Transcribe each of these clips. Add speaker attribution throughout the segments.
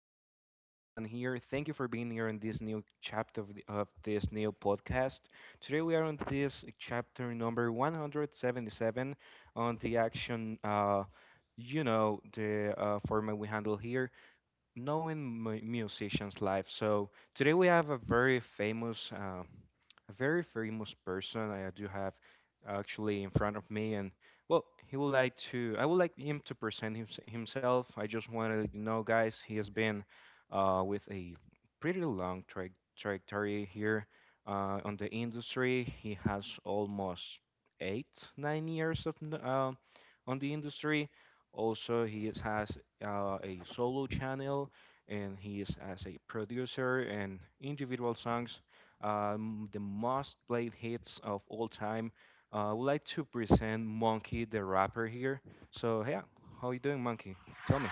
Speaker 1: welcome everyone here. Thank you for being here in this new chapter of this new podcast. Today we are on this chapter number 177 on the action, the format we handle here, knowing musicians live. So today we have a very famous person. I do have actually in front of me, and well, he would like to. I would like him to present himself. I just wanted to let you know, guys, he has been with a pretty long trajectory here on the industry. He has almost 8, 9 years of on the industry. Also, he has a solo channel, and he is as a producer and individual songs, the most played hits of all time. I would like to present Monkey the rapper here. So yeah, how you doing, Monkey? Tell me.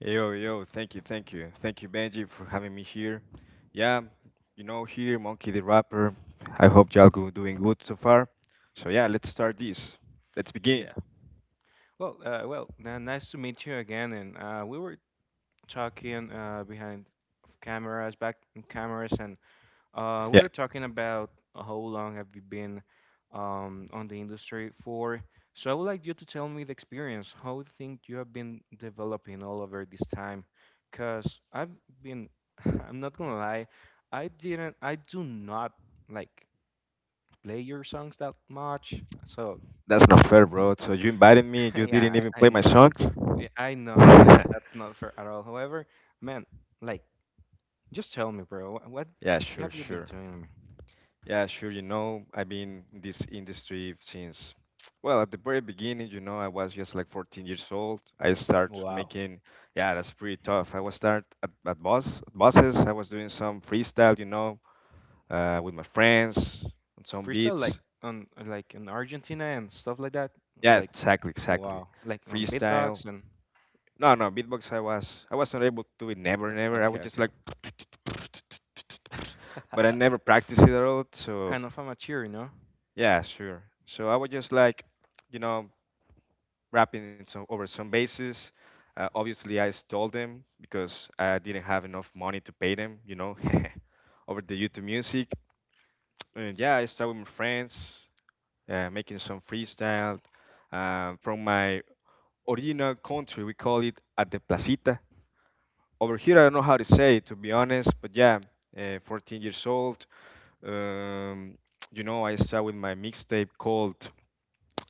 Speaker 2: Yo, yo, thank you, thank you. Thank you, Benji, for having me here. Yeah, here, Monkey the Rapper. I hope y'all go doing good so far. So, yeah, let's start this. Let's begin.
Speaker 1: Yeah. Well, nice to meet you again. And we were talking behind of cameras, back in cameras, and. We
Speaker 2: Yeah,
Speaker 1: were talking about how long have you been on the industry for. So I would like you to tell me the experience. How you think you have been developing all over this time? Because I've been, I'm not gonna lie, I didn't, I do not like play your songs that much. So
Speaker 2: that's not fair, bro. So, you invited me, you didn't
Speaker 1: yeah,
Speaker 2: even
Speaker 1: I
Speaker 2: play my
Speaker 1: know.
Speaker 2: songs?
Speaker 1: Yeah, I know, I know. That's not fair at all. However, man, like, just tell me, bro, what
Speaker 2: Yeah, sure,
Speaker 1: have you been
Speaker 2: sure.
Speaker 1: doing?
Speaker 2: Yeah, sure. You know, I've been in this industry since, well, at the very beginning, I was just like 14 years old. I start
Speaker 1: Wow.
Speaker 2: making, yeah, that's pretty tough. I was start at buses. I was doing some freestyle, with my friends on some
Speaker 1: Freestyle, like
Speaker 2: beats.
Speaker 1: on like in Argentina and stuff like that.
Speaker 2: Yeah,
Speaker 1: Like,
Speaker 2: exactly, exactly.
Speaker 1: wow, like on
Speaker 2: Freestyle.
Speaker 1: beatbox, and
Speaker 2: No, no, beatbox. I was not able to do it. Never, never. I would
Speaker 1: okay,
Speaker 2: just like, but I
Speaker 1: okay.
Speaker 2: never practiced it at all. So
Speaker 1: Kind of amateur.
Speaker 2: yeah, sure. So I was just like, you know, rapping in over some bases. Obviously, I stole them because I didn't have enough money to pay them, over the YouTube music. And yeah, I started with my friends, making some freestyle from my original country. We call it at the placita. Over here, I don't know how to say it, to be honest, but yeah, 14 years old. Um, I started with my mixtape called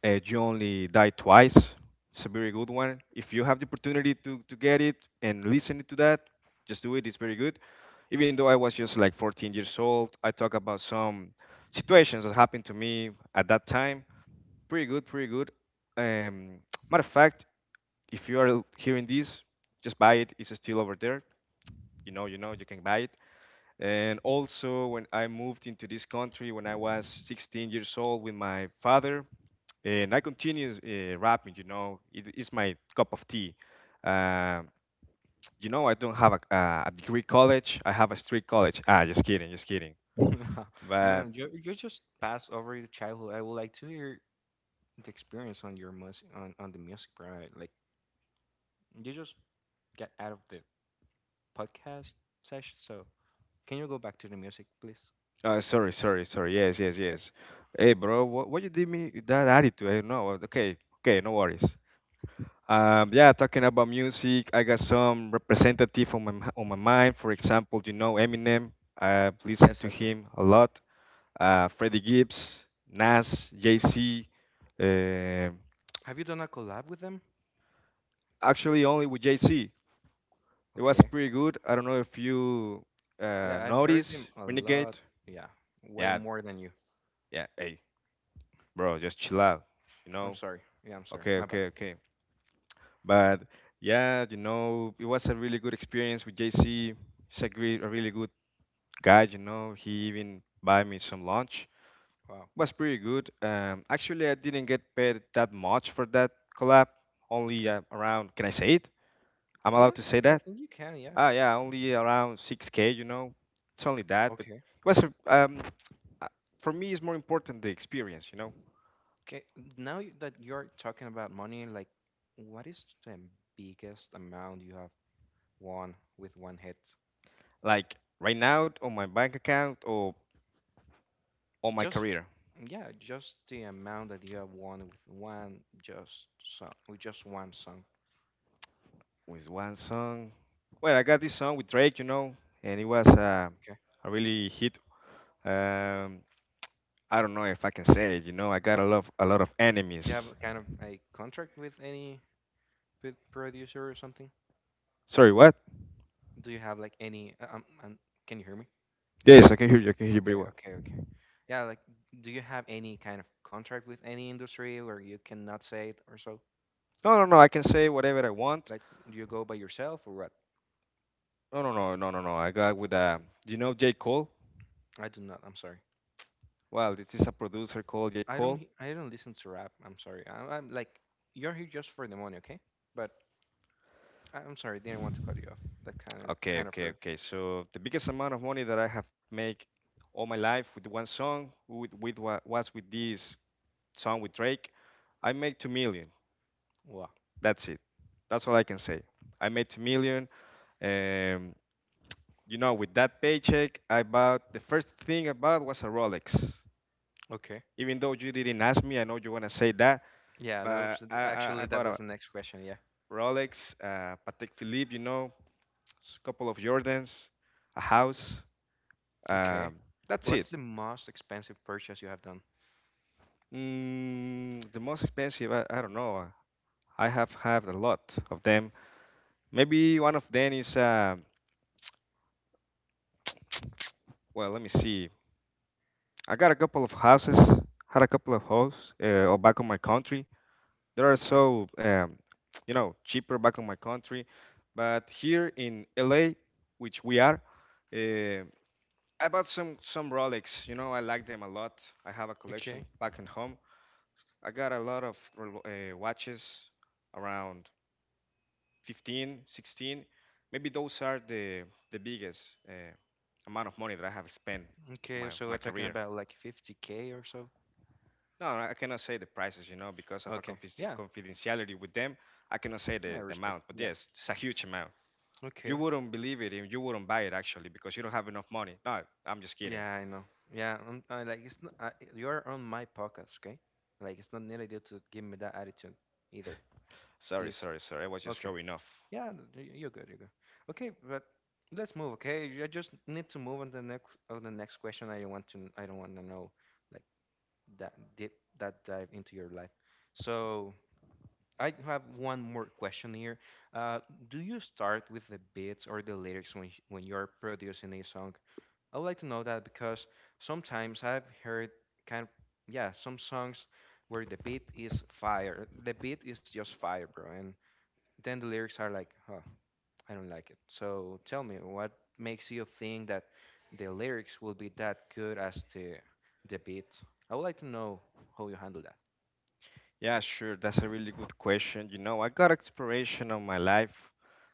Speaker 2: you only die twice. It's a very good one. If you have the opportunity to get it and listen to that, just do it. It's very good. Even though I was just like 14 years old, I talk about some situations that happened to me at that time. Pretty good, pretty good. Um, matter of fact, if you are hearing this, just buy it. It's still over there. You know, you can buy it. And also, when I moved into this country when I was 16 years old with my father, and I continue rapping. You know, it is my cup of tea. Um you know, I don't have a degree college. I have a street college. Ah, just kidding, just kidding. But
Speaker 1: Man, you just pass over your childhood. I would like to hear the experience on your music, on the music, bro. Like, you just get out of the podcast session. So can you go back to the music, please?
Speaker 2: sorry, sorry, sorry. Yes, yes, yes. Hey, bro, what you did me with that attitude? I don't know. Okay, okay, no worries. Yeah, talking about music, I got some representative on on my mind. For example, you know Eminem. I've listened
Speaker 1: Yes,
Speaker 2: to
Speaker 1: I do.
Speaker 2: him a lot. Freddie Gibbs, Nas, Jay Z.
Speaker 1: Have you done a collab with them?
Speaker 2: Actually only with JC. It was
Speaker 1: Okay.
Speaker 2: pretty good. I don't know if you
Speaker 1: Yeah, I've heard them
Speaker 2: notice
Speaker 1: a lot.
Speaker 2: Renegade.
Speaker 1: Yeah, way
Speaker 2: Yeah,
Speaker 1: more than you.
Speaker 2: yeah. Hey, bro, just chill out. You
Speaker 1: I'm
Speaker 2: know.
Speaker 1: sorry. Yeah, I'm sorry.
Speaker 2: Okay,
Speaker 1: My bad.
Speaker 2: okay, okay. But yeah, it was a really good experience with JC. He's a great, a really good guy. You know, he even buy me some lunch.
Speaker 1: Wow.
Speaker 2: Was pretty good. Actually, I didn't get paid that much for that collab. Only
Speaker 1: Okay.
Speaker 2: around. Can I say it? I'm
Speaker 1: Yeah,
Speaker 2: allowed to say
Speaker 1: I
Speaker 2: that?
Speaker 1: think you can. Yeah.
Speaker 2: Ah, yeah, only around 6K, you know. It's only that, but
Speaker 1: Okay.
Speaker 2: uh, for me, it's more important the experience, you know.
Speaker 1: Okay. Now that you're talking about money, like, what is the biggest amount you have won with one hit?
Speaker 2: Like right now on my bank account or on my
Speaker 1: Just,
Speaker 2: career
Speaker 1: yeah, just the amount that you have won with one just song, with just one song.
Speaker 2: with one song. Well, I got this song with Drake, you know, and it was
Speaker 1: Okay.
Speaker 2: a really hit. Um, I don't know if I can say it, you know. I got a lot of
Speaker 1: You have a
Speaker 2: enemies.
Speaker 1: kind of a contract with any producer or something?
Speaker 2: Sorry, what?
Speaker 1: Do you have like any? Can you hear me?
Speaker 2: Yes, I can hear you. I can hear you very
Speaker 1: Okay,
Speaker 2: well.
Speaker 1: okay, okay. Yeah, like, do you have any kind of contract with any industry where you cannot say it or so?
Speaker 2: No, no, no. I can say whatever I want.
Speaker 1: Like, do you go by yourself or what?
Speaker 2: No, no, no, no, no, no. I got with J. Cole.
Speaker 1: I do not. I'm sorry.
Speaker 2: Well, this is a producer called J.
Speaker 1: I don't.
Speaker 2: Cole.
Speaker 1: I don't listen to rap. I'm sorry. I'm like, you're here just for the money, okay? But I'm sorry, didn't want to cut you off. That kind of
Speaker 2: Okay,
Speaker 1: kind of
Speaker 2: okay,
Speaker 1: rude.
Speaker 2: okay. So the biggest amount of money that I have made all my life with one song was with this song with Drake. I made 2 million.
Speaker 1: Wow.
Speaker 2: That's it. That's all I can say. I made 2 million. Um, you know, with that paycheck, I bought the first thing I bought was a Rolex.
Speaker 1: Okay.
Speaker 2: Even though you didn't ask me, I know you wanna say that,
Speaker 1: Yeah,
Speaker 2: but I
Speaker 1: actually that
Speaker 2: bought a
Speaker 1: was the next question. Yeah.
Speaker 2: Rolex, Patek Philippe, you know, a couple of Jordans, a house.
Speaker 1: Okay.
Speaker 2: Um, that's it.
Speaker 1: What's the most expensive purchase you have done?
Speaker 2: Mm, the most expensive, I don't know. I have had a lot of them. Maybe one of them is, well, let me see. I got a couple of houses, had a couple of houses or back in my country. They are
Speaker 1: Okay.
Speaker 2: so, you know, cheaper back in my country. But here in LA, which we are, uh, I bought some Rolex. You know, I like them a lot. I have a collection
Speaker 1: Okay.
Speaker 2: back in home. I got a lot of watches around 15, 16, maybe those are the biggest uh, amount of money that I have spent
Speaker 1: Okay,
Speaker 2: my
Speaker 1: so we're
Speaker 2: my
Speaker 1: talking
Speaker 2: career.
Speaker 1: about like 50K or so.
Speaker 2: No, I cannot say the prices, you know, because of a
Speaker 1: Okay, yeah,
Speaker 2: confidentiality with them. I cannot say
Speaker 1: I
Speaker 2: the
Speaker 1: respect.
Speaker 2: amount, but
Speaker 1: Yeah,
Speaker 2: yes, it's a huge amount. You
Speaker 1: okay.
Speaker 2: wouldn't believe it, and you wouldn't buy it actually, because you don't have enough money. No, I'm just kidding,
Speaker 1: Yeah, I know. Yeah, I, like it's not. You're on my podcast, okay? Like, it's not needed you to give me that attitude either.
Speaker 2: sorry,
Speaker 1: Please.
Speaker 2: sorry, sorry. I was just
Speaker 1: Okay.
Speaker 2: showing off.
Speaker 1: Yeah, you're good. You're good. Okay, but let's move. Okay, I just need to move on the next question. I don't want to. I don't want to know like that deep that dive into your life. So I have one more question here. Uh, do you start with the beats or the lyrics when you're producing a song? I would like to know that, because sometimes I've heard kind of, yeah, some songs where the beat is fire, the beat is just fire, bro, and then the lyrics are like, huh, I don't like it. So tell me, what makes you think that the lyrics will be that good as the beat? I would like to know how you handle that.
Speaker 2: Yeah, sure, that's a really good question. You know, I got exploration on my life.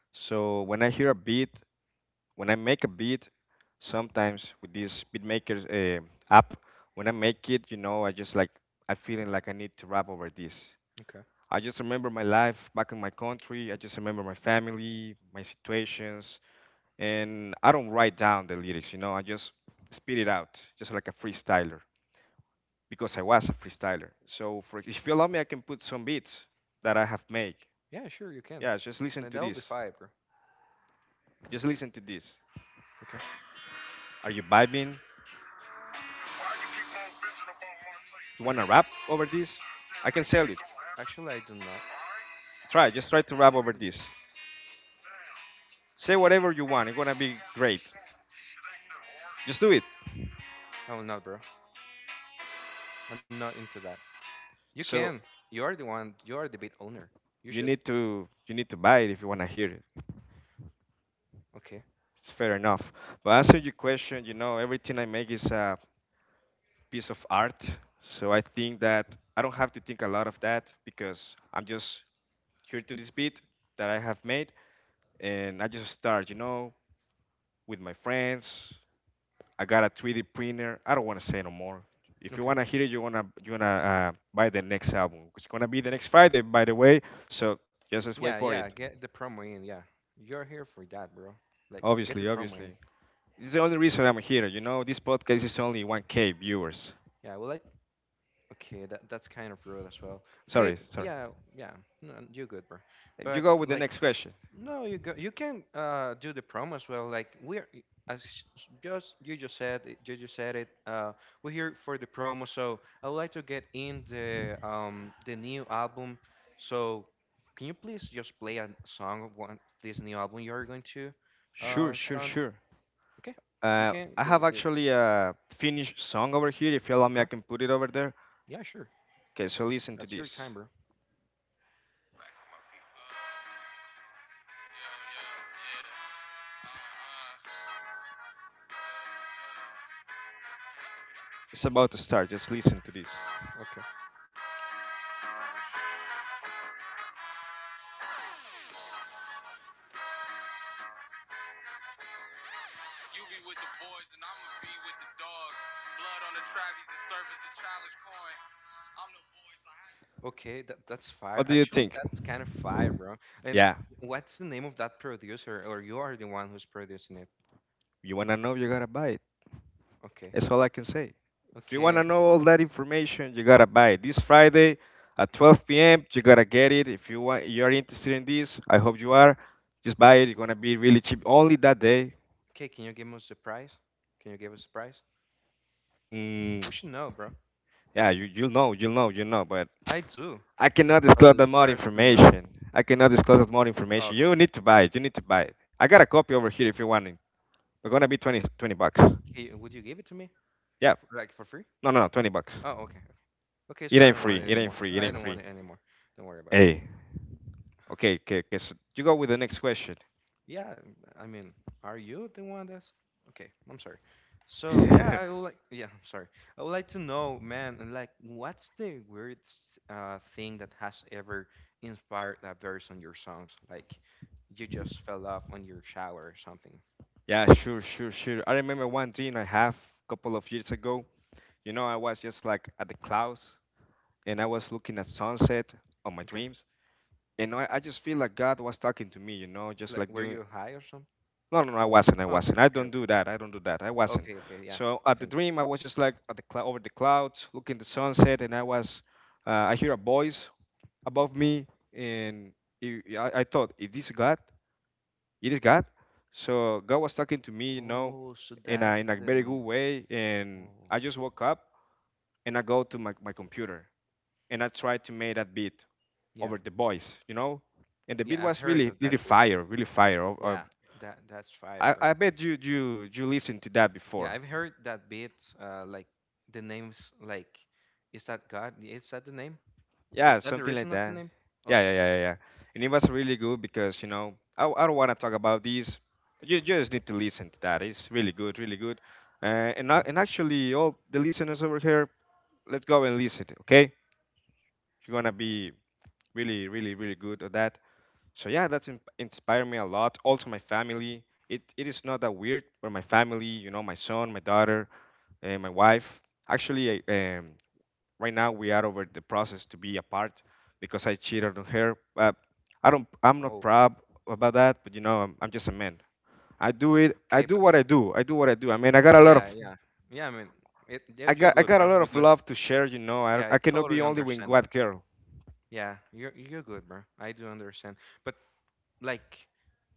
Speaker 2: So when I hear a beat, when I make a beat, sometimes with this beatmakers app, when I make it, you know, I just like I feeling like I need to rap over this.
Speaker 1: Okay.
Speaker 2: I just remember my life back in my country. I just remember my family, my situations, and I don't write down the lyrics. You know, I just spit it out, just like a freestyler, because I was a freestyler. So, for, if you allow me, I can put some beats that I have made.
Speaker 1: Yeah, sure, you can.
Speaker 2: Yeah, just listen
Speaker 1: And
Speaker 2: to
Speaker 1: that will be
Speaker 2: this.
Speaker 1: fire, bro.
Speaker 2: Just listen to this.
Speaker 1: Okay.
Speaker 2: Are you vibing? You want to rap over this? I can sell it.
Speaker 1: Actually, I do not.
Speaker 2: Try, just try to rap over this. Say whatever you want. It's gonna be great. Just do it.
Speaker 1: I will not, bro. I'm not into that. You
Speaker 2: So
Speaker 1: can. You are the one. You are the bit owner. You
Speaker 2: you
Speaker 1: should.
Speaker 2: need to you need to buy it if you want to hear it.
Speaker 1: Okay.
Speaker 2: It's fair enough. But answer your question, you know, everything I make is a piece of art. So I think that I don't have to think a lot of that, because I'm just here to this beat that I have made, and I just start, you know, with my friends, I got a 3D printer. I don't want to say no more. If you
Speaker 1: Okay.
Speaker 2: wanna hear it, you wanna buy the next album. It's gonna be the next Friday, by the way. So just wait
Speaker 1: Yeah,
Speaker 2: for
Speaker 1: yeah.
Speaker 2: it.
Speaker 1: Get the promo in. Yeah. You're here for that, bro. Like, get
Speaker 2: Obviously,
Speaker 1: the promo in.
Speaker 2: obviously, it's the only reason I'm here. You know, this podcast is only 1K viewers.
Speaker 1: Yeah. Well, like, okay. That's kind of rude as well. Okay.
Speaker 2: Sorry, sorry.
Speaker 1: Yeah. Yeah. No, you're good, bro.
Speaker 2: You
Speaker 1: But,
Speaker 2: go with the
Speaker 1: like.
Speaker 2: next question.
Speaker 1: No, you go, you can do the promo as well. Like, we're as just, you just said it. We're here for the promo, so I would like to get in the new album. So can you please just play a song of one this new album you are going to
Speaker 2: Sure,
Speaker 1: shut
Speaker 2: sure,
Speaker 1: on?
Speaker 2: sure.
Speaker 1: Okay, you can
Speaker 2: I
Speaker 1: do
Speaker 2: have
Speaker 1: it.
Speaker 2: actually a finished song over here. If you allow me,
Speaker 1: Okay,
Speaker 2: I can put it over there.
Speaker 1: yeah, sure.
Speaker 2: Okay, so listen to
Speaker 1: That's your time,
Speaker 2: this.
Speaker 1: bro.
Speaker 2: It's about to start. Just listen to this.
Speaker 1: Okay.
Speaker 2: You be with the boys and I'ma be with the dogs. Blood on the Travis and service a challenge coin. I'm the boys. I had.
Speaker 1: Okay, that's fire.
Speaker 2: What do you
Speaker 1: Actually,
Speaker 2: think?
Speaker 1: that's kind of fire, bro. And
Speaker 2: Yeah,
Speaker 1: what's the name of that producer? Or you are the one who's producing it?
Speaker 2: you wanna know, you gotta buy it.
Speaker 1: Okay.
Speaker 2: That's all I can say. If you
Speaker 1: Okay.
Speaker 2: wanna know all that information, you gotta buy it. This Friday at 12 p.m., you gotta get it. If you want, you are interested in this. I hope you are. Just buy it. It's gonna be really cheap. Only that day.
Speaker 1: Okay. Can you give us the price? Can you give us the price?
Speaker 2: Mm,
Speaker 1: We should know, bro.
Speaker 2: yeah, you'll know, you'll know, you know. But
Speaker 1: I do,
Speaker 2: I cannot
Speaker 1: but the
Speaker 2: disclose that more
Speaker 1: listeners do not.
Speaker 2: information. I cannot disclose that more information.
Speaker 1: Okay.
Speaker 2: You need to buy it. You need to buy it. I got a copy over here if you want it. We're gonna be 20 20 bucks.
Speaker 1: Okay, hey, would you give it to me,
Speaker 2: Yeah.
Speaker 1: like, for free?
Speaker 2: No, no, no, $20.
Speaker 1: Oh, okay. Okay.
Speaker 2: It
Speaker 1: So I
Speaker 2: ain't
Speaker 1: don't want
Speaker 2: free.
Speaker 1: it
Speaker 2: It ain't
Speaker 1: anymore.
Speaker 2: free.
Speaker 1: No,
Speaker 2: It
Speaker 1: I
Speaker 2: ain't
Speaker 1: don't
Speaker 2: free.
Speaker 1: want it anymore. Don't worry about it.
Speaker 2: Hey. Okay, okay, okay. So you go with the next question.
Speaker 1: Yeah, I mean, are you the one that's okay? I'm sorry. So yeah,
Speaker 2: Yeah,
Speaker 1: I would like. Yeah, I'm sorry. I would like to know, man, and, like, what's the weirdest thing that has ever inspired a verse on your songs? Like, you just fell off on your shower or something.
Speaker 2: sure, sure, sure. I remember one dream I have a couple of years ago. You know, I was just like at the clouds and I was looking at sunset on my
Speaker 1: Okay.
Speaker 2: dreams. And I just feel like God was talking to me, you know, just
Speaker 1: Like,
Speaker 2: like
Speaker 1: were
Speaker 2: doing.
Speaker 1: you high or something?
Speaker 2: No, no, no, I wasn't. I
Speaker 1: Oh, okay,
Speaker 2: wasn't. I
Speaker 1: okay,
Speaker 2: don't
Speaker 1: okay,
Speaker 2: do that. I don't do that. I wasn't.
Speaker 1: okay, okay. Yeah,
Speaker 2: So at the
Speaker 1: thank you.
Speaker 2: dream, I was just like over the clouds, looking at the sunset, and I was. I hear a voice above me, and I thought, "Is this God? It is God." So God was talking to me, you know,
Speaker 1: Oh, so
Speaker 2: in a
Speaker 1: that's
Speaker 2: in a very
Speaker 1: the.
Speaker 2: good way, and
Speaker 1: Oh,
Speaker 2: I just woke up and I go to my computer and I try to make that beat
Speaker 1: yeah,
Speaker 2: over the voice, you know, and the beat
Speaker 1: yeah. I've
Speaker 2: was
Speaker 1: heard
Speaker 2: really
Speaker 1: of that.
Speaker 2: really fire, really fire. Uh,
Speaker 1: Yeah, that's fire.
Speaker 2: I, I bet you listened to that
Speaker 1: Yeah,
Speaker 2: before.
Speaker 1: I've heard that bit. Like, the names, like, is that God? Is that the name?
Speaker 2: Yeah,
Speaker 1: Is that the
Speaker 2: something like
Speaker 1: reason of the
Speaker 2: that.
Speaker 1: name?
Speaker 2: Yeah, yeah,
Speaker 1: Okay.
Speaker 2: yeah, yeah, yeah. And it was really good because, you know, I don't want to talk about this. You just need to listen to that. It's really good, really good. And actually, all the listeners over here, let's go and listen. Okay, you're gonna be really, really, really good at that. So yeah, that's inspired me a lot. Also, my family. It is not that weird, but my family, you know, my son, my daughter, my wife. Actually, right now we are over the process to be apart because I cheated on her. I don't. I'm not
Speaker 1: Oh,
Speaker 2: proud about that, but you know, I'm just a man. I do it. I
Speaker 1: okay.
Speaker 2: do
Speaker 1: But
Speaker 2: what I do. I do what I do. I mean, I got a lot
Speaker 1: yeah,
Speaker 2: of.
Speaker 1: yeah, yeah. I mean, it.
Speaker 2: I
Speaker 1: You're
Speaker 2: got. I
Speaker 1: good,
Speaker 2: got a
Speaker 1: bro.
Speaker 2: lot
Speaker 1: You're
Speaker 2: of
Speaker 1: good.
Speaker 2: love to share. You know, I,
Speaker 1: Yeah, I
Speaker 2: I cannot
Speaker 1: totally
Speaker 2: be only with
Speaker 1: understand
Speaker 2: one
Speaker 1: that.
Speaker 2: girl.
Speaker 1: Yeah, you're good, bro. I do understand. But, like,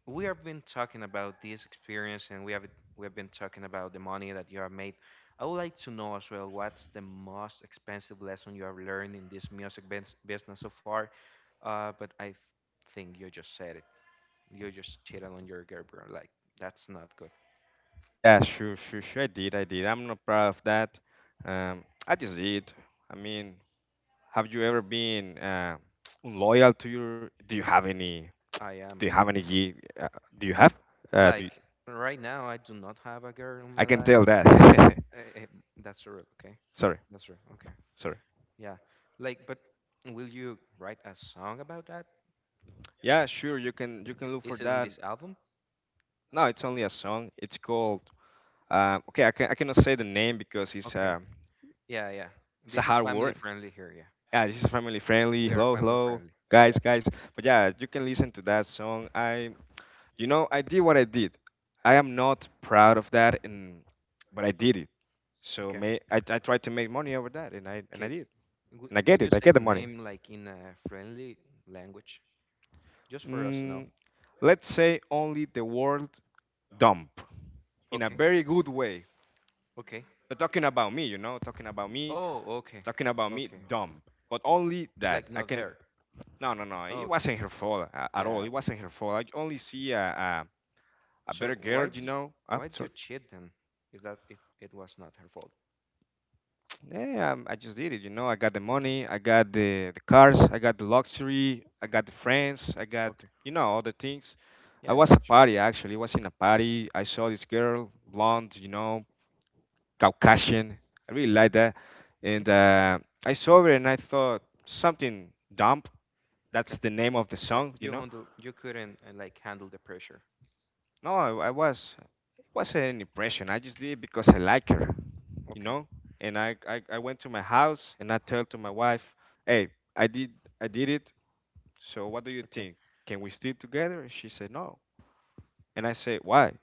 Speaker 1: we have been talking about this experience, and we have been talking about the money that you have made. I would like to know as well what's the most expensive lesson you have learned in this music business so far. But I think you just said it. You just cheated on your girlfriend. Like, that's not good.
Speaker 2: Yeah, sure, sure, sure. I did. I did. I'm not proud of that. I just did. I mean, have you ever been loyal to your? Do you have any?
Speaker 1: I
Speaker 2: Do you
Speaker 1: am,
Speaker 2: have any? Uh, do you have? Uh, do you-
Speaker 1: like, right now. I do not have a girl in
Speaker 2: I
Speaker 1: my
Speaker 2: can
Speaker 1: life.
Speaker 2: tell that.
Speaker 1: Eh, eh, that's true. Okay,
Speaker 2: Sorry.
Speaker 1: that's true. Okay,
Speaker 2: Sorry.
Speaker 1: yeah. Like, but will you write a song about that?
Speaker 2: Yeah, sure. You can look for
Speaker 1: Is it on
Speaker 2: that.
Speaker 1: this album?
Speaker 2: No, it's only a song. It's called. Okay, I cannot say the name because it's a
Speaker 1: Okay. Yeah, yeah.
Speaker 2: it's a
Speaker 1: This is
Speaker 2: hard
Speaker 1: family
Speaker 2: word.
Speaker 1: friendly here. Yeah,
Speaker 2: Yeah, this is family friendly.
Speaker 1: we are
Speaker 2: Hello,
Speaker 1: family
Speaker 2: hello,
Speaker 1: friendly.
Speaker 2: guys,
Speaker 1: Yeah.
Speaker 2: guys. But yeah, you can listen to that song. I You know I did what I did. I am not proud of that, and but I did it. So
Speaker 1: Okay.
Speaker 2: may I tried to make money over that, and I
Speaker 1: Okay.
Speaker 2: did, and I get
Speaker 1: Would
Speaker 2: it.
Speaker 1: you
Speaker 2: I get
Speaker 1: say
Speaker 2: the
Speaker 1: the
Speaker 2: money.
Speaker 1: name like in a friendly language, just for us to
Speaker 2: Mm,
Speaker 1: know?
Speaker 2: let's say only the word dump in a
Speaker 1: Okay.
Speaker 2: very good way.
Speaker 1: Okay.
Speaker 2: But talking about me, you know,
Speaker 1: Oh, okay.
Speaker 2: talking about me,
Speaker 1: Okay.
Speaker 2: dumb. But only
Speaker 1: Like,
Speaker 2: that I
Speaker 1: not
Speaker 2: can.
Speaker 1: her.
Speaker 2: No, no, no.
Speaker 1: Oh,
Speaker 2: It
Speaker 1: okay.
Speaker 2: wasn't her fault at all.
Speaker 1: Yeah.
Speaker 2: It wasn't her fault. I only see a better
Speaker 1: So,
Speaker 2: girl, you know. I
Speaker 1: why did you
Speaker 2: Sorry.
Speaker 1: cheat then? If it was not her fault.
Speaker 2: Yeah, I just did it, you know. I got the
Speaker 1: Okay.
Speaker 2: money, I got the cars, I got the luxury, I got the friends, I got
Speaker 1: Okay.
Speaker 2: all the things. I
Speaker 1: Yeah, I
Speaker 2: was a
Speaker 1: got you.
Speaker 2: party actually. I was in a party. I saw this girl, blonde, you know, Caucasian. I really like that, and
Speaker 1: Okay.
Speaker 2: I saw her and I thought something dumb.
Speaker 1: Okay.
Speaker 2: That's the name of the
Speaker 1: Like,
Speaker 2: song, you know.
Speaker 1: you couldn't like handle the pressure.
Speaker 2: No, I was it wasn't an impression. I just did it because I like her, you
Speaker 1: Okay.
Speaker 2: know. And I went to my house and I told to my wife, "Hey, I did I did it. So what do you
Speaker 1: Okay.
Speaker 2: think? Can we stay together?" And she said no. And I said, "Why?"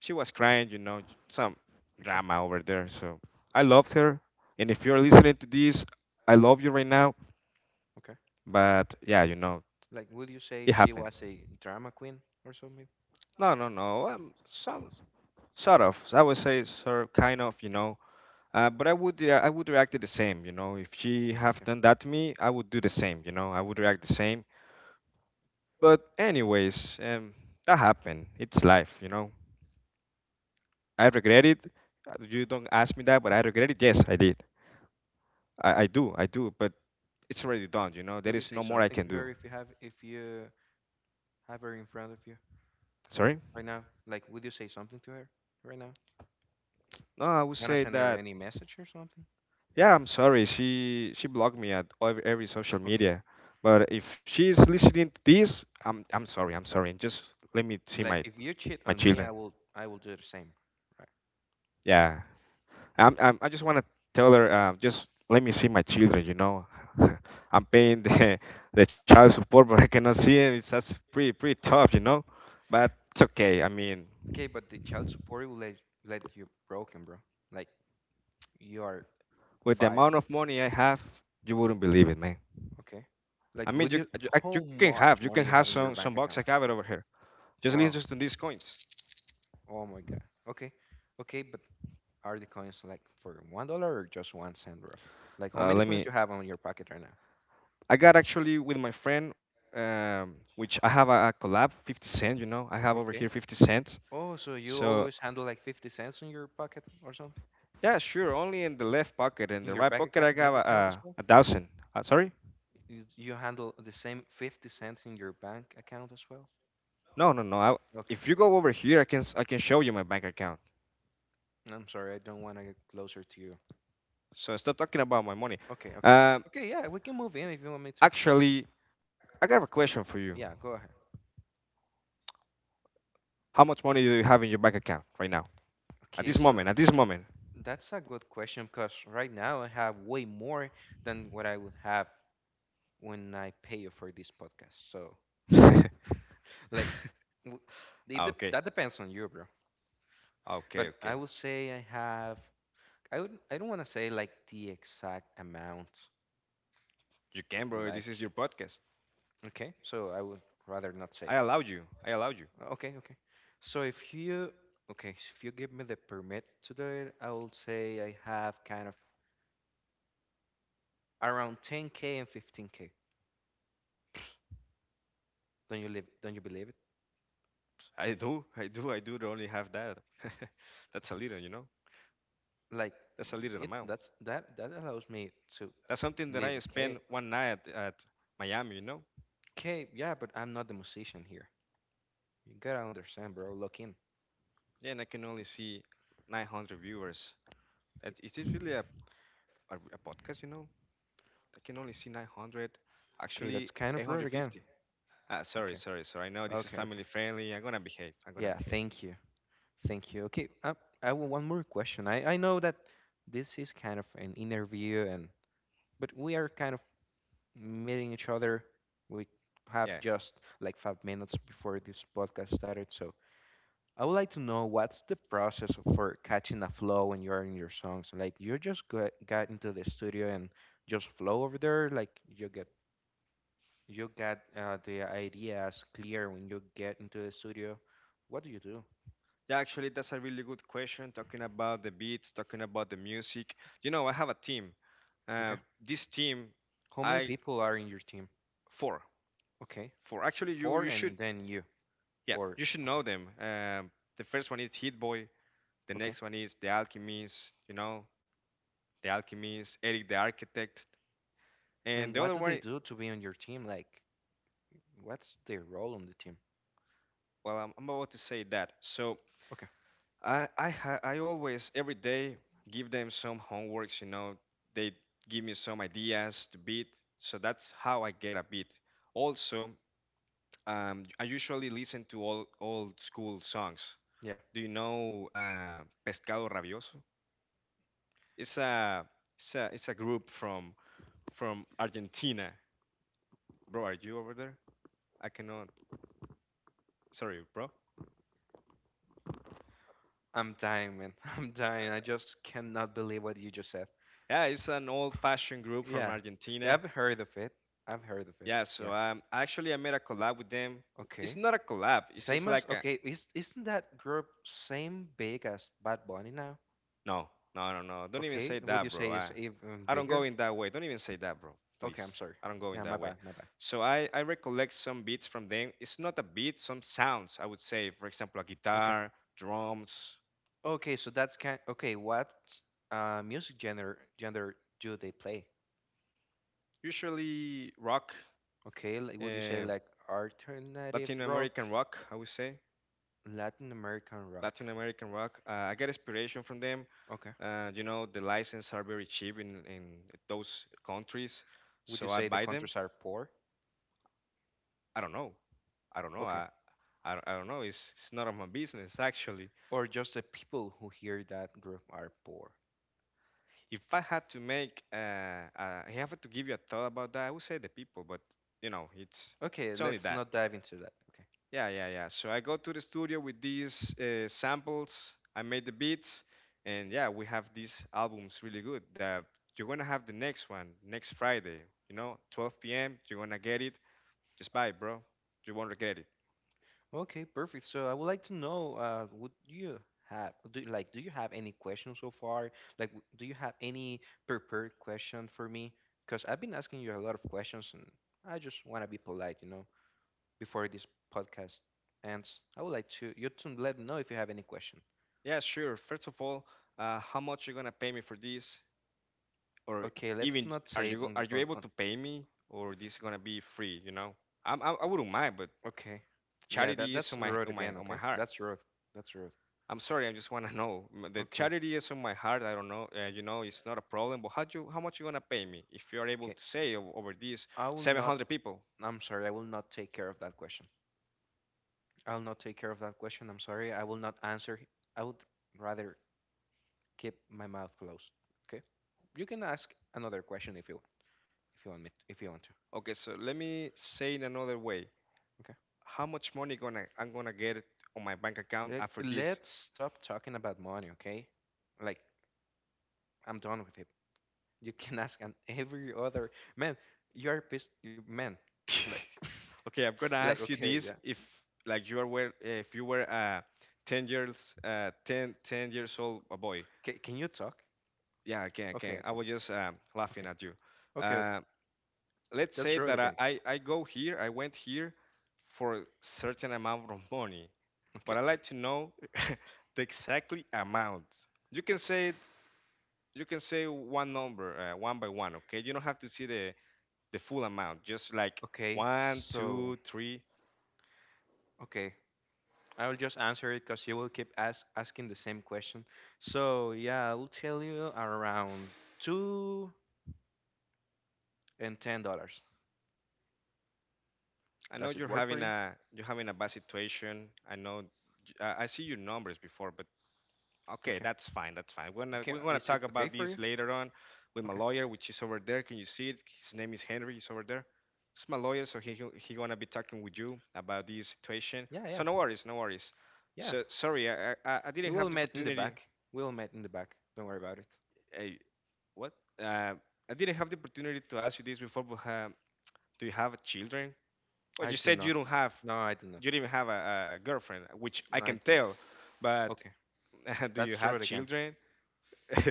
Speaker 2: She was crying, you know, some
Speaker 1: Okay.
Speaker 2: drama over there. So I loved her. And if you're listening to this, I love you right now.
Speaker 1: Okay.
Speaker 2: But yeah, you know,
Speaker 1: Like, would you say
Speaker 2: it
Speaker 1: she
Speaker 2: happened.
Speaker 1: was a drama queen or something?
Speaker 2: No, no, no. Some sort of. I would say sort of, kind of. But I would react the same, you know. If she have
Speaker 1: Okay.
Speaker 2: done that to me, I would do the same, you know. I would react the same. But anyways, that happened. It's life, you know. I regret it. You don't ask me that, but I regret it. Yes, I did. I do. I do. But it's already done, you know. There
Speaker 1: Will you
Speaker 2: is
Speaker 1: say
Speaker 2: no more I
Speaker 1: something
Speaker 2: can
Speaker 1: to
Speaker 2: do.
Speaker 1: her if you have her in front of you
Speaker 2: Sorry.
Speaker 1: right now? Like, would you say something to her right now?
Speaker 2: No, I would
Speaker 1: Wanna
Speaker 2: say
Speaker 1: send her
Speaker 2: that.
Speaker 1: any message or something?
Speaker 2: Yeah, I'm sorry. She blocked me at every social
Speaker 1: Okay.
Speaker 2: media. But if she's listening to this, I'm sorry. I'm sorry. Just let me see
Speaker 1: Like,
Speaker 2: my
Speaker 1: if you cheat
Speaker 2: my
Speaker 1: on me, I
Speaker 2: children.
Speaker 1: will I will do the same. Right.
Speaker 2: Yeah, I just want to tell her, just let me see my children. You know, I'm paying the the child support, but I cannot see it. It's That's pretty, pretty tough, you know. But it's okay. I mean,
Speaker 1: Okay, but the child support will let you broken, bro. Like, you are
Speaker 2: with the
Speaker 1: fired.
Speaker 2: amount of money I have, you wouldn't believe it, man.
Speaker 1: Okay. Like,
Speaker 2: I
Speaker 1: would
Speaker 2: mean,
Speaker 1: you? How
Speaker 2: you can
Speaker 1: much
Speaker 2: have
Speaker 1: money you have in your
Speaker 2: some
Speaker 1: bank
Speaker 2: bucks.
Speaker 1: account?
Speaker 2: I have it over here. Just
Speaker 1: Wow.
Speaker 2: listen to these coins.
Speaker 1: Oh my God. Okay. Okay, but are the coins like for $1 or just 1 cent, bro? Like, how many
Speaker 2: Let
Speaker 1: coins
Speaker 2: me.
Speaker 1: you have on your pocket right now?
Speaker 2: I got actually with my friend, which I have a collab, 50 Cent. You know, I have over here
Speaker 1: Okay.
Speaker 2: 50 cents.
Speaker 1: Oh, so you
Speaker 2: So
Speaker 1: always handle like 50 cents in your pocket or something
Speaker 2: yeah, sure. Only in the left pocket. In
Speaker 1: in
Speaker 2: the
Speaker 1: your
Speaker 2: right
Speaker 1: bank
Speaker 2: pocket, I
Speaker 1: account, bank
Speaker 2: got
Speaker 1: account as
Speaker 2: a,
Speaker 1: well?
Speaker 2: a thousand. Sorry?
Speaker 1: You handle the same 50 cents in your bank account as well?
Speaker 2: No, no, no.
Speaker 1: Okay.
Speaker 2: If you go over here, I can show you my bank account.
Speaker 1: I'm sorry, I don't want to get closer to you.
Speaker 2: So stop talking about my money.
Speaker 1: Okay, okay,
Speaker 2: Um,
Speaker 1: okay. Yeah, we can move in if you want me to.
Speaker 2: Actually, I got a question for you.
Speaker 1: Yeah, go ahead.
Speaker 2: How much money do you have in your bank account right now? At
Speaker 1: Okay,
Speaker 2: this
Speaker 1: so
Speaker 2: moment, at this moment.
Speaker 1: that's a good question because right now I have way more than what I would have when I pay you for this podcast. So, like, w- it
Speaker 2: Ah,
Speaker 1: dep
Speaker 2: okay,
Speaker 1: that depends on you, bro.
Speaker 2: okay,
Speaker 1: But I
Speaker 2: okay.
Speaker 1: would say I have. I would. I don't want to say like the exact amount.
Speaker 2: You can, bro. This is
Speaker 1: Like,
Speaker 2: your podcast.
Speaker 1: okay. So I would rather not say
Speaker 2: I
Speaker 1: it.
Speaker 2: allow you. I allow you.
Speaker 1: Okay, okay. So if you, okay, so if you give me the permit to do it, I will say I have kind of around 10k and 15k. Don't you live? Don't you believe it?
Speaker 2: I do. I do. I do. Only have that. That's a little, you know.
Speaker 1: Like,
Speaker 2: That's a little amount.
Speaker 1: That's that. That allows me to
Speaker 2: That's something that
Speaker 1: live
Speaker 2: I
Speaker 1: okay.
Speaker 2: spent one night at Miami, you know?
Speaker 1: Okay, yeah, but I'm not the musician here. You gotta understand, bro. Look in.
Speaker 2: Yeah, and I can only see 900 viewers. Is it really a podcast, you know? I can only see 900, actually
Speaker 1: Okay, that's kind of rude
Speaker 2: 850.
Speaker 1: again.
Speaker 2: Ah, sorry,
Speaker 1: Okay.
Speaker 2: sorry, sorry. I know this is
Speaker 1: Okay,
Speaker 2: family
Speaker 1: okay.
Speaker 2: friendly. I'm gonna behave. I'm gonna
Speaker 1: Yeah,
Speaker 2: behave.
Speaker 1: thank you. Thank you. Okay, I will one more question. I know that this is kind of an interview and but we are kind of meeting each other. We have
Speaker 2: Yeah.
Speaker 1: just like five minutes before this podcast started, so I would like to know what's the process for catching a flow when you're in your songs. Like you just got into the studio and just flow over there, like you get You got the ideas clear when you get into the studio. What do you do?
Speaker 2: Yeah, actually, that's a really good question. Talking about the beats, talking about the music. You know, I have a team.
Speaker 1: Okay.
Speaker 2: Uh, this team,
Speaker 1: How many
Speaker 2: I
Speaker 1: people are in your team?
Speaker 2: four,
Speaker 1: Okay.
Speaker 2: four. Actually, you
Speaker 1: Four
Speaker 2: you
Speaker 1: and
Speaker 2: should
Speaker 1: then you.
Speaker 2: yeah,
Speaker 1: Or,
Speaker 2: you should
Speaker 1: okay.
Speaker 2: know them. The first one is Hit Boy. The
Speaker 1: Okay.
Speaker 2: next one is The Alchemist. You know, The Alchemist, Eric the Architect,
Speaker 1: And
Speaker 2: and the
Speaker 1: what do
Speaker 2: other
Speaker 1: they
Speaker 2: one.
Speaker 1: do to be on your team? Like, what's their role on the team?
Speaker 2: Well, I'm about to say that. So
Speaker 1: Okay.
Speaker 2: I always every day give them some homeworks. You know, they give me some ideas to beat. So that's how I get a beat. Also, I usually listen to all old school songs.
Speaker 1: Yeah.
Speaker 2: Do you know Pescado Rabioso? It's a it's a group from Argentina. Bro, are you over there? I cannot. Sorry, bro.
Speaker 1: I'm dying, man. I'm
Speaker 2: Uh,
Speaker 1: dying. I just cannot believe what you just said.
Speaker 2: yeah, it's an old-fashioned group from
Speaker 1: Yeah. Yeah, I've
Speaker 2: Argentina.
Speaker 1: heard of it. I've heard of it.
Speaker 2: Yeah,
Speaker 1: Yeah.
Speaker 2: so actually I made a collab with them.
Speaker 1: Okay.
Speaker 2: It's not a collab. It's just like a.
Speaker 1: Isn't that group same big as Bad Bunny now?
Speaker 2: No, no, no, no. Don't even
Speaker 1: Okay,
Speaker 2: say
Speaker 1: would you
Speaker 2: that,
Speaker 1: say
Speaker 2: bro.
Speaker 1: is
Speaker 2: I,
Speaker 1: even
Speaker 2: I don't
Speaker 1: bigger?
Speaker 2: go in that way. Don't even say that, bro.
Speaker 1: Okay, I'm
Speaker 2: Please.
Speaker 1: sorry.
Speaker 2: I don't go
Speaker 1: Yeah,
Speaker 2: in
Speaker 1: my
Speaker 2: that
Speaker 1: bad,
Speaker 2: way.
Speaker 1: my bad.
Speaker 2: So I recollect some beats from them. It's not a beat, some sounds, I would say. For example, a
Speaker 1: Okay.
Speaker 2: guitar, drums,
Speaker 1: Okay, so that's kind. Okay, what music genre do they play?
Speaker 2: usually rock,
Speaker 1: Okay, like, would you say
Speaker 2: eh,
Speaker 1: like alternative
Speaker 2: Latin
Speaker 1: rock,
Speaker 2: American rock, I would say.
Speaker 1: Latin American rock?
Speaker 2: Latin American rock. I get inspiration from them.
Speaker 1: Okay.
Speaker 2: You know, the license are very cheap in those countries.
Speaker 1: Would you
Speaker 2: So I
Speaker 1: say the
Speaker 2: buy them.
Speaker 1: countries are poor?
Speaker 2: I don't know. I don't know.
Speaker 1: Okay.
Speaker 2: I don't know. It's none of my business, actually.
Speaker 1: Or just the people who hear that group are poor?
Speaker 2: If I had to make, I have to give you a thought about that. I would say the people, but you know, it's
Speaker 1: Okay,
Speaker 2: it's only
Speaker 1: let's
Speaker 2: that.
Speaker 1: not dive into that. Okay.
Speaker 2: Yeah, yeah, yeah. So I go to the studio with these samples. I made the beats, and yeah, we have these albums really good. That you're gonna have the next one next Friday. You know, 12 p.m. You're gonna get it. Just buy it, bro. You won't regret it.
Speaker 1: Okay, perfect. So I would like to know, would you have do like do you have any questions so far? Like, do you have any prepared question for me? Because I've been asking you a lot of questions, and I just want to be polite, you know, before this podcast ends. I would like to you to let me know if you have any question.
Speaker 2: Yeah, sure. First of all, how much you're gonna pay me for this? Or
Speaker 1: Okay, let's
Speaker 2: even
Speaker 1: not say it on,
Speaker 2: are you
Speaker 1: on,
Speaker 2: able
Speaker 1: on
Speaker 2: to pay me, or this gonna be free, you know? I wouldn't mind, but
Speaker 1: okay. Yeah, that
Speaker 2: charity is
Speaker 1: that's
Speaker 2: on my
Speaker 1: rude
Speaker 2: on
Speaker 1: again,
Speaker 2: my on
Speaker 1: okay?
Speaker 2: my heart.
Speaker 1: That's rude. That's rude.
Speaker 2: I'm sorry, I just want to know. The
Speaker 1: Okay.
Speaker 2: charity is on my heart. I don't know. You know, it's not a problem, but how much you gonna pay me if you're able
Speaker 1: Okay.
Speaker 2: to say over these
Speaker 1: I will not
Speaker 2: 700 people?
Speaker 1: I'm sorry, I will not take care of that question. I'll not take care of that question. I'm sorry. I will not answer. I would rather keep my mouth closed. Okay. You can ask another question if you want me if you want to.
Speaker 2: Okay, so let me say in another way,
Speaker 1: Okay.
Speaker 2: how much money gonna I'm gonna get on my bank account
Speaker 1: Like,
Speaker 2: after this?
Speaker 1: let's stop talking about money. Okay. Like I'm done with it. You can ask on every other man. You are pissed. You, man. Like
Speaker 2: Okay, I'm gonna
Speaker 1: like
Speaker 2: ask you
Speaker 1: okay
Speaker 2: this:
Speaker 1: yeah.
Speaker 2: if like you are were if you were 10 years ten years old a boy,
Speaker 1: Ca can you talk?
Speaker 2: yeah, I
Speaker 1: Okay
Speaker 2: can. I
Speaker 1: okay
Speaker 2: was just
Speaker 1: okay
Speaker 2: laughing at you.
Speaker 1: okay.
Speaker 2: Uh, let's
Speaker 1: That's
Speaker 2: say
Speaker 1: right
Speaker 2: that
Speaker 1: again.
Speaker 2: I went here for a certain amount of money,
Speaker 1: Okay,
Speaker 2: but I like to know the exactly amount. You can say it- you can say one number one by one. Okay, you don't have to see the full amount. Just like
Speaker 1: okay.
Speaker 2: one,
Speaker 1: So
Speaker 2: two, three.
Speaker 1: okay. I will just answer it because you will keep asking the same question. So yeah, I will tell you around $2 and $10.
Speaker 2: I know
Speaker 1: Does it work for you?
Speaker 2: you're having a bad situation. I know I see your numbers before, but okay,
Speaker 1: Okay.
Speaker 2: that's fine. That's fine. We're gonna
Speaker 1: Okay.
Speaker 2: we're gonna
Speaker 1: Is it
Speaker 2: talk
Speaker 1: okay
Speaker 2: about
Speaker 1: for you?
Speaker 2: this later on with my
Speaker 1: Okay.
Speaker 2: lawyer, which is over there. Can you see it? His name is Henry. He's over there. It's my lawyer, so he gonna be talking with you about this situation.
Speaker 1: Yeah, yeah,
Speaker 2: So no worries, no worries.
Speaker 1: yeah.
Speaker 2: So sorry, I
Speaker 1: You
Speaker 2: didn't
Speaker 1: will
Speaker 2: have the
Speaker 1: meet in the
Speaker 2: opportunity.
Speaker 1: back. We'll meet in the back. Don't worry about it.
Speaker 2: Hey, what? Uh, I didn't have the opportunity to ask you this before, but do you have children? Well,
Speaker 1: I
Speaker 2: you
Speaker 1: do
Speaker 2: said
Speaker 1: not.
Speaker 2: you don't have,
Speaker 1: No, I do not.
Speaker 2: you didn't have a girlfriend, which I
Speaker 1: No, I do
Speaker 2: can tell.
Speaker 1: not.
Speaker 2: But
Speaker 1: Okay.
Speaker 2: do
Speaker 1: Let's
Speaker 2: you
Speaker 1: throw it
Speaker 2: have
Speaker 1: again.
Speaker 2: children?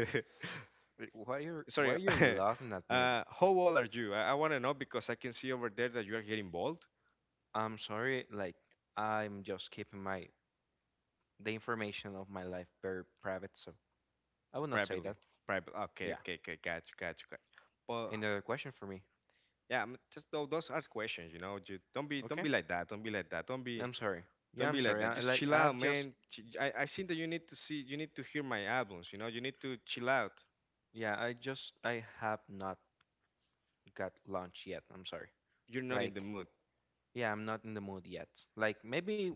Speaker 1: Wait, Why you why are
Speaker 2: Sorry.
Speaker 1: you laughing at me?
Speaker 2: uh, how old are you? I want to know because I can see over there that you are getting bald
Speaker 1: I'm sorry. Like I'm just keeping my the information of my life very private, so I will not say that.
Speaker 2: privately. Private.
Speaker 1: Yeah.
Speaker 2: Okay, okay, okay. Got you, got you, got you. But
Speaker 1: Any other question for me?
Speaker 2: yeah, I'm just those are questions. You don't be don't
Speaker 1: Okay.
Speaker 2: be like that. Don't be like that. Don't be
Speaker 1: I'm sorry. Yeah,
Speaker 2: don't
Speaker 1: I'm
Speaker 2: be
Speaker 1: sorry.
Speaker 2: like that.
Speaker 1: I,
Speaker 2: Just
Speaker 1: like
Speaker 2: chill
Speaker 1: I've
Speaker 2: out,
Speaker 1: just
Speaker 2: man. I think that you need to hear my albums. You know, you need to chill out.
Speaker 1: yeah, I just I have not got lunch yet. I'm sorry.
Speaker 2: You're not in the
Speaker 1: Like
Speaker 2: mood.
Speaker 1: yeah, I'm not in the mood yet. Like maybe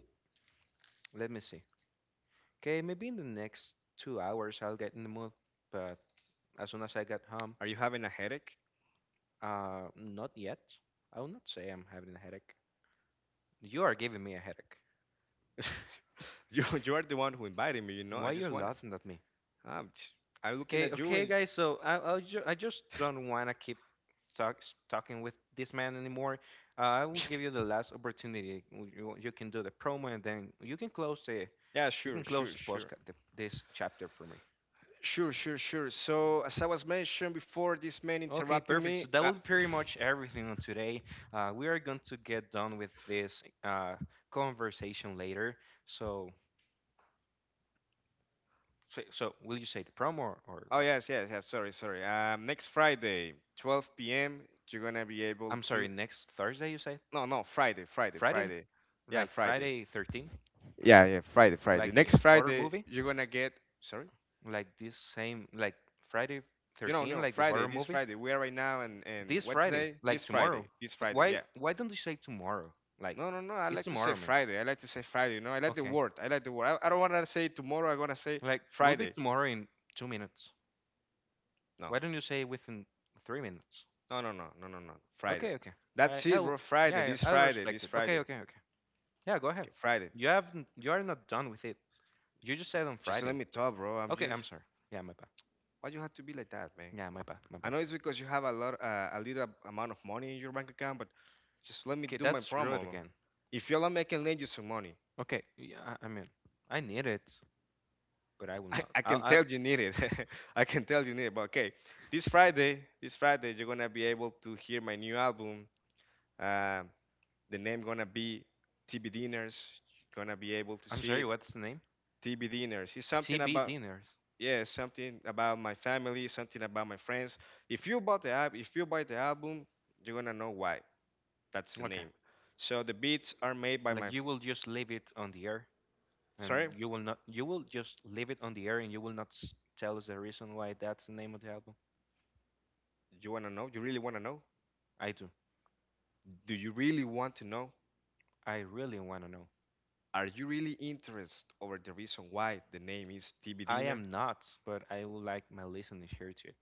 Speaker 1: let me see. Okay, maybe in the next 2 hours I'll get in the mood, but as soon as I get home,
Speaker 2: Are you having a headache?
Speaker 1: not yet. I will not say I'm having a headache. You are giving me a headache.
Speaker 2: You are the one who invited me.
Speaker 1: Why
Speaker 2: I
Speaker 1: you're
Speaker 2: just want.
Speaker 1: laughing at me?
Speaker 2: I'm, I'm looking
Speaker 1: Okay,
Speaker 2: at you
Speaker 1: okay,
Speaker 2: and.
Speaker 1: guys. So I just don't want to keep talk, talking with this man anymore. I will give you the last opportunity. You can do the promo, and then you can close the
Speaker 2: Yeah,
Speaker 1: you can
Speaker 2: sure,
Speaker 1: close
Speaker 2: sure,
Speaker 1: the
Speaker 2: sure.
Speaker 1: podcast the, this chapter for me.
Speaker 2: Sure, sure, sure. So, as I was mentioned before, this man
Speaker 1: Okay,
Speaker 2: interrupting
Speaker 1: perfect. So
Speaker 2: me.
Speaker 1: that will be pretty much everything on today. We are going to get done with this conversation later. So, so will you say the promo or
Speaker 2: Oh,
Speaker 1: what?
Speaker 2: yes, yes, yes. Sorry, sorry. Next Friday, 12 p.m., you're going to be able
Speaker 1: I'm sorry,
Speaker 2: to.
Speaker 1: next Thursday you said?
Speaker 2: No, no, Friday, Friday,
Speaker 1: Friday?
Speaker 2: Friday. Yeah,
Speaker 1: Like
Speaker 2: Friday.
Speaker 1: Friday 13?
Speaker 2: Yeah, yeah, Friday, Friday.
Speaker 1: Like
Speaker 2: Next
Speaker 1: the horror
Speaker 2: Friday,
Speaker 1: movie?
Speaker 2: you're going to get. Sorry?
Speaker 1: Like this same like Friday
Speaker 2: You know,
Speaker 1: 13
Speaker 2: no,
Speaker 1: like the
Speaker 2: Friday,
Speaker 1: horror
Speaker 2: this
Speaker 1: movie?
Speaker 2: Friday. We are right now and
Speaker 1: This
Speaker 2: what
Speaker 1: Friday,
Speaker 2: today? This
Speaker 1: like tomorrow.
Speaker 2: Friday. This
Speaker 1: Like,
Speaker 2: Friday, yeah.
Speaker 1: why don't you say tomorrow? Like
Speaker 2: No, no, no. I
Speaker 1: it's
Speaker 2: like to say
Speaker 1: tomorrow, man.
Speaker 2: Friday. I like to say Friday. You know, I like the
Speaker 1: Okay.
Speaker 2: word. I like the word. I don't want to say tomorrow. I want to say
Speaker 1: Like we'll be
Speaker 2: Friday.
Speaker 1: tomorrow in 2 minutes.
Speaker 2: No,
Speaker 1: Why don't you say within 3 minutes?
Speaker 2: no, no, no, no, no, no. Friday.
Speaker 1: Okay, okay.
Speaker 2: That's it,
Speaker 1: I'll
Speaker 2: bro. Friday.
Speaker 1: yeah, yeah,
Speaker 2: This
Speaker 1: I'll
Speaker 2: Friday.
Speaker 1: respect
Speaker 2: This
Speaker 1: it. Okay,
Speaker 2: Friday.
Speaker 1: okay, okay. Yeah, go ahead.
Speaker 2: Okay, Friday.
Speaker 1: You haven't you are not done with it. You just said on
Speaker 2: Just
Speaker 1: Friday.
Speaker 2: let me talk, bro. I'm
Speaker 1: Okay, I'm
Speaker 2: just.
Speaker 1: sorry. Yeah, my bad.
Speaker 2: Why you have to be like that, man?
Speaker 1: Yeah, my bad, my
Speaker 2: I
Speaker 1: bad.
Speaker 2: know it's because you have a lot, a little amount of money in your bank account, but just let me
Speaker 1: Okay,
Speaker 2: do my
Speaker 1: that's rude
Speaker 2: promo.
Speaker 1: again.
Speaker 2: If y'all I can lend you some money.
Speaker 1: Okay, yeah, I mean, I need it, but I will
Speaker 2: I,
Speaker 1: not.
Speaker 2: I can
Speaker 1: I,
Speaker 2: tell you need it. I can tell you need it. But okay, this Friday, you're gonna be able to hear my new album. Um, the name gonna be TB Dinners. You're gonna be able to
Speaker 1: I'm
Speaker 2: see it.
Speaker 1: sorry, what's the name?
Speaker 2: TB Dinners. It's something
Speaker 1: TB
Speaker 2: about
Speaker 1: dinners.
Speaker 2: yeah, something about my family, something about my friends. If you bought the app, if you buy the album, you're gonna know why. That's the
Speaker 1: Okay,
Speaker 2: name. So the beats are made by
Speaker 1: like
Speaker 2: my.
Speaker 1: you will just leave it on the air, and
Speaker 2: Sorry,
Speaker 1: you will not. You will just leave it on the air, and you will not s- tell us the reason why that's the name of the album.
Speaker 2: you wanna know? You really wanna know?
Speaker 1: I do.
Speaker 2: Do you really want to know?
Speaker 1: I really want to know.
Speaker 2: Are you really interested over the reason why the name is TB
Speaker 1: I
Speaker 2: Dinner?
Speaker 1: am not, but I would like my listeners here to it.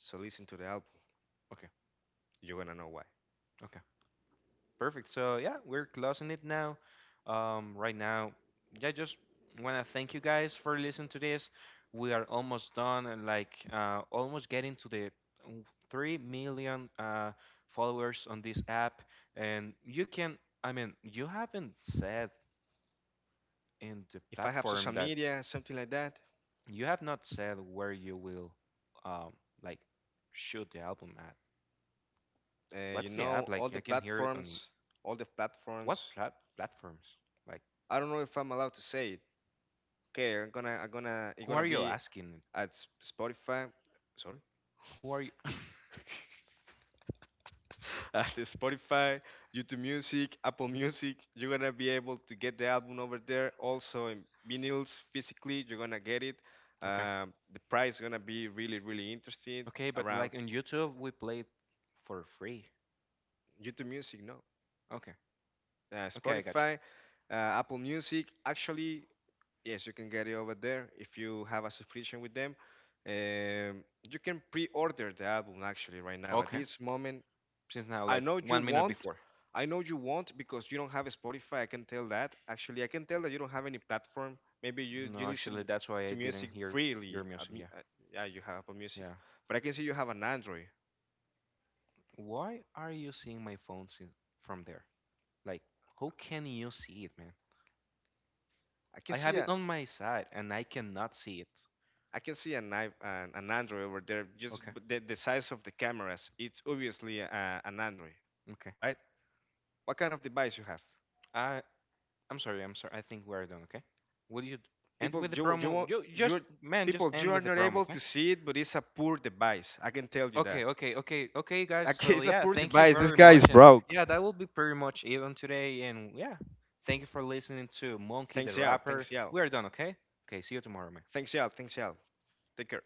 Speaker 2: So listen to the album.
Speaker 1: Okay,
Speaker 2: You're gonna know why.
Speaker 1: okay. Perfect. So yeah, we're closing it now. Right now, yeah, I just want to thank you guys for listening to this. We are almost done, and like almost getting to the w- 3 million followers on this app. And you can, I mean, you haven't said in the
Speaker 2: If I have social
Speaker 1: platform that
Speaker 2: media, something like that,
Speaker 1: you have not said where you will, um, like, shoot the album at.
Speaker 2: you
Speaker 1: What's the
Speaker 2: know,
Speaker 1: app
Speaker 2: all
Speaker 1: like? I
Speaker 2: the
Speaker 1: can hear it on the.
Speaker 2: platforms, all the
Speaker 1: What
Speaker 2: platforms.
Speaker 1: platforms? Like,
Speaker 2: I don't know if I'm allowed to say it. Okay, it's
Speaker 1: who
Speaker 2: gonna
Speaker 1: are you
Speaker 2: be
Speaker 1: asking?
Speaker 2: at Spotify. Sorry.
Speaker 1: Who are you?
Speaker 2: At Spotify, YouTube Music, Apple Music. You're gonna be able to get the album over there. Also in vinyls physically, you're gonna get it.
Speaker 1: Okay.
Speaker 2: The price is gonna be really, really interesting.
Speaker 1: Okay, but
Speaker 2: Around
Speaker 1: like on YouTube, we play it for free.
Speaker 2: YouTube Music, no,
Speaker 1: Okay. Okay, I got you.
Speaker 2: Spotify, uh, Apple Music. Actually, yes, you can get it over there if you have a subscription with them. Um, you can pre-order the album actually right now at
Speaker 1: Okay.
Speaker 2: this moment.
Speaker 1: Since now,
Speaker 2: I
Speaker 1: like
Speaker 2: know you
Speaker 1: one minute
Speaker 2: won't.
Speaker 1: before.
Speaker 2: I know you won't because you don't have a Spotify. I can tell that. Actually, I can tell that you don't have any platform. Maybe you
Speaker 1: No, actually,
Speaker 2: listen
Speaker 1: that's why
Speaker 2: to
Speaker 1: I didn't
Speaker 2: music
Speaker 1: hear your
Speaker 2: freely.
Speaker 1: music. Yeah.
Speaker 2: Yeah, you have Apple Music,
Speaker 1: Yeah.
Speaker 2: but I can see you have an Android.
Speaker 1: Why are you seeing my phone from there? Like, how can you see it, man?
Speaker 2: I can
Speaker 1: I
Speaker 2: see
Speaker 1: have it
Speaker 2: a
Speaker 1: on my side and I cannot see it.
Speaker 2: I can see an Android over there. Just
Speaker 1: Okay.
Speaker 2: the size of the cameras. It's obviously a, an Android,
Speaker 1: Okay.
Speaker 2: right? What kind of device you have?
Speaker 1: I I'm sorry, I'm sorry. I think we're done, okay? Will you end
Speaker 2: People,
Speaker 1: with the
Speaker 2: you
Speaker 1: promo?
Speaker 2: won't
Speaker 1: You just
Speaker 2: you
Speaker 1: man, just
Speaker 2: people
Speaker 1: end
Speaker 2: you are
Speaker 1: with the
Speaker 2: not
Speaker 1: promo,
Speaker 2: able
Speaker 1: okay?
Speaker 2: to see it, but it's a poor device. I can tell you that.
Speaker 1: Okay, okay, okay, okay, guys.
Speaker 2: Okay,
Speaker 1: So
Speaker 2: it's a
Speaker 1: yeah,
Speaker 2: poor
Speaker 1: thank you
Speaker 2: device. This
Speaker 1: very
Speaker 2: guy is
Speaker 1: much, and
Speaker 2: broke.
Speaker 1: yeah, that will be pretty much it on today. And yeah, thank you for listening to Monkey the
Speaker 2: Thanks, y'all.
Speaker 1: Rapper.
Speaker 2: Thanks, y'all.
Speaker 1: We are done, okay? Okay, see you tomorrow, man.
Speaker 2: Thanks, y'all. Thanks, y'all. Take care.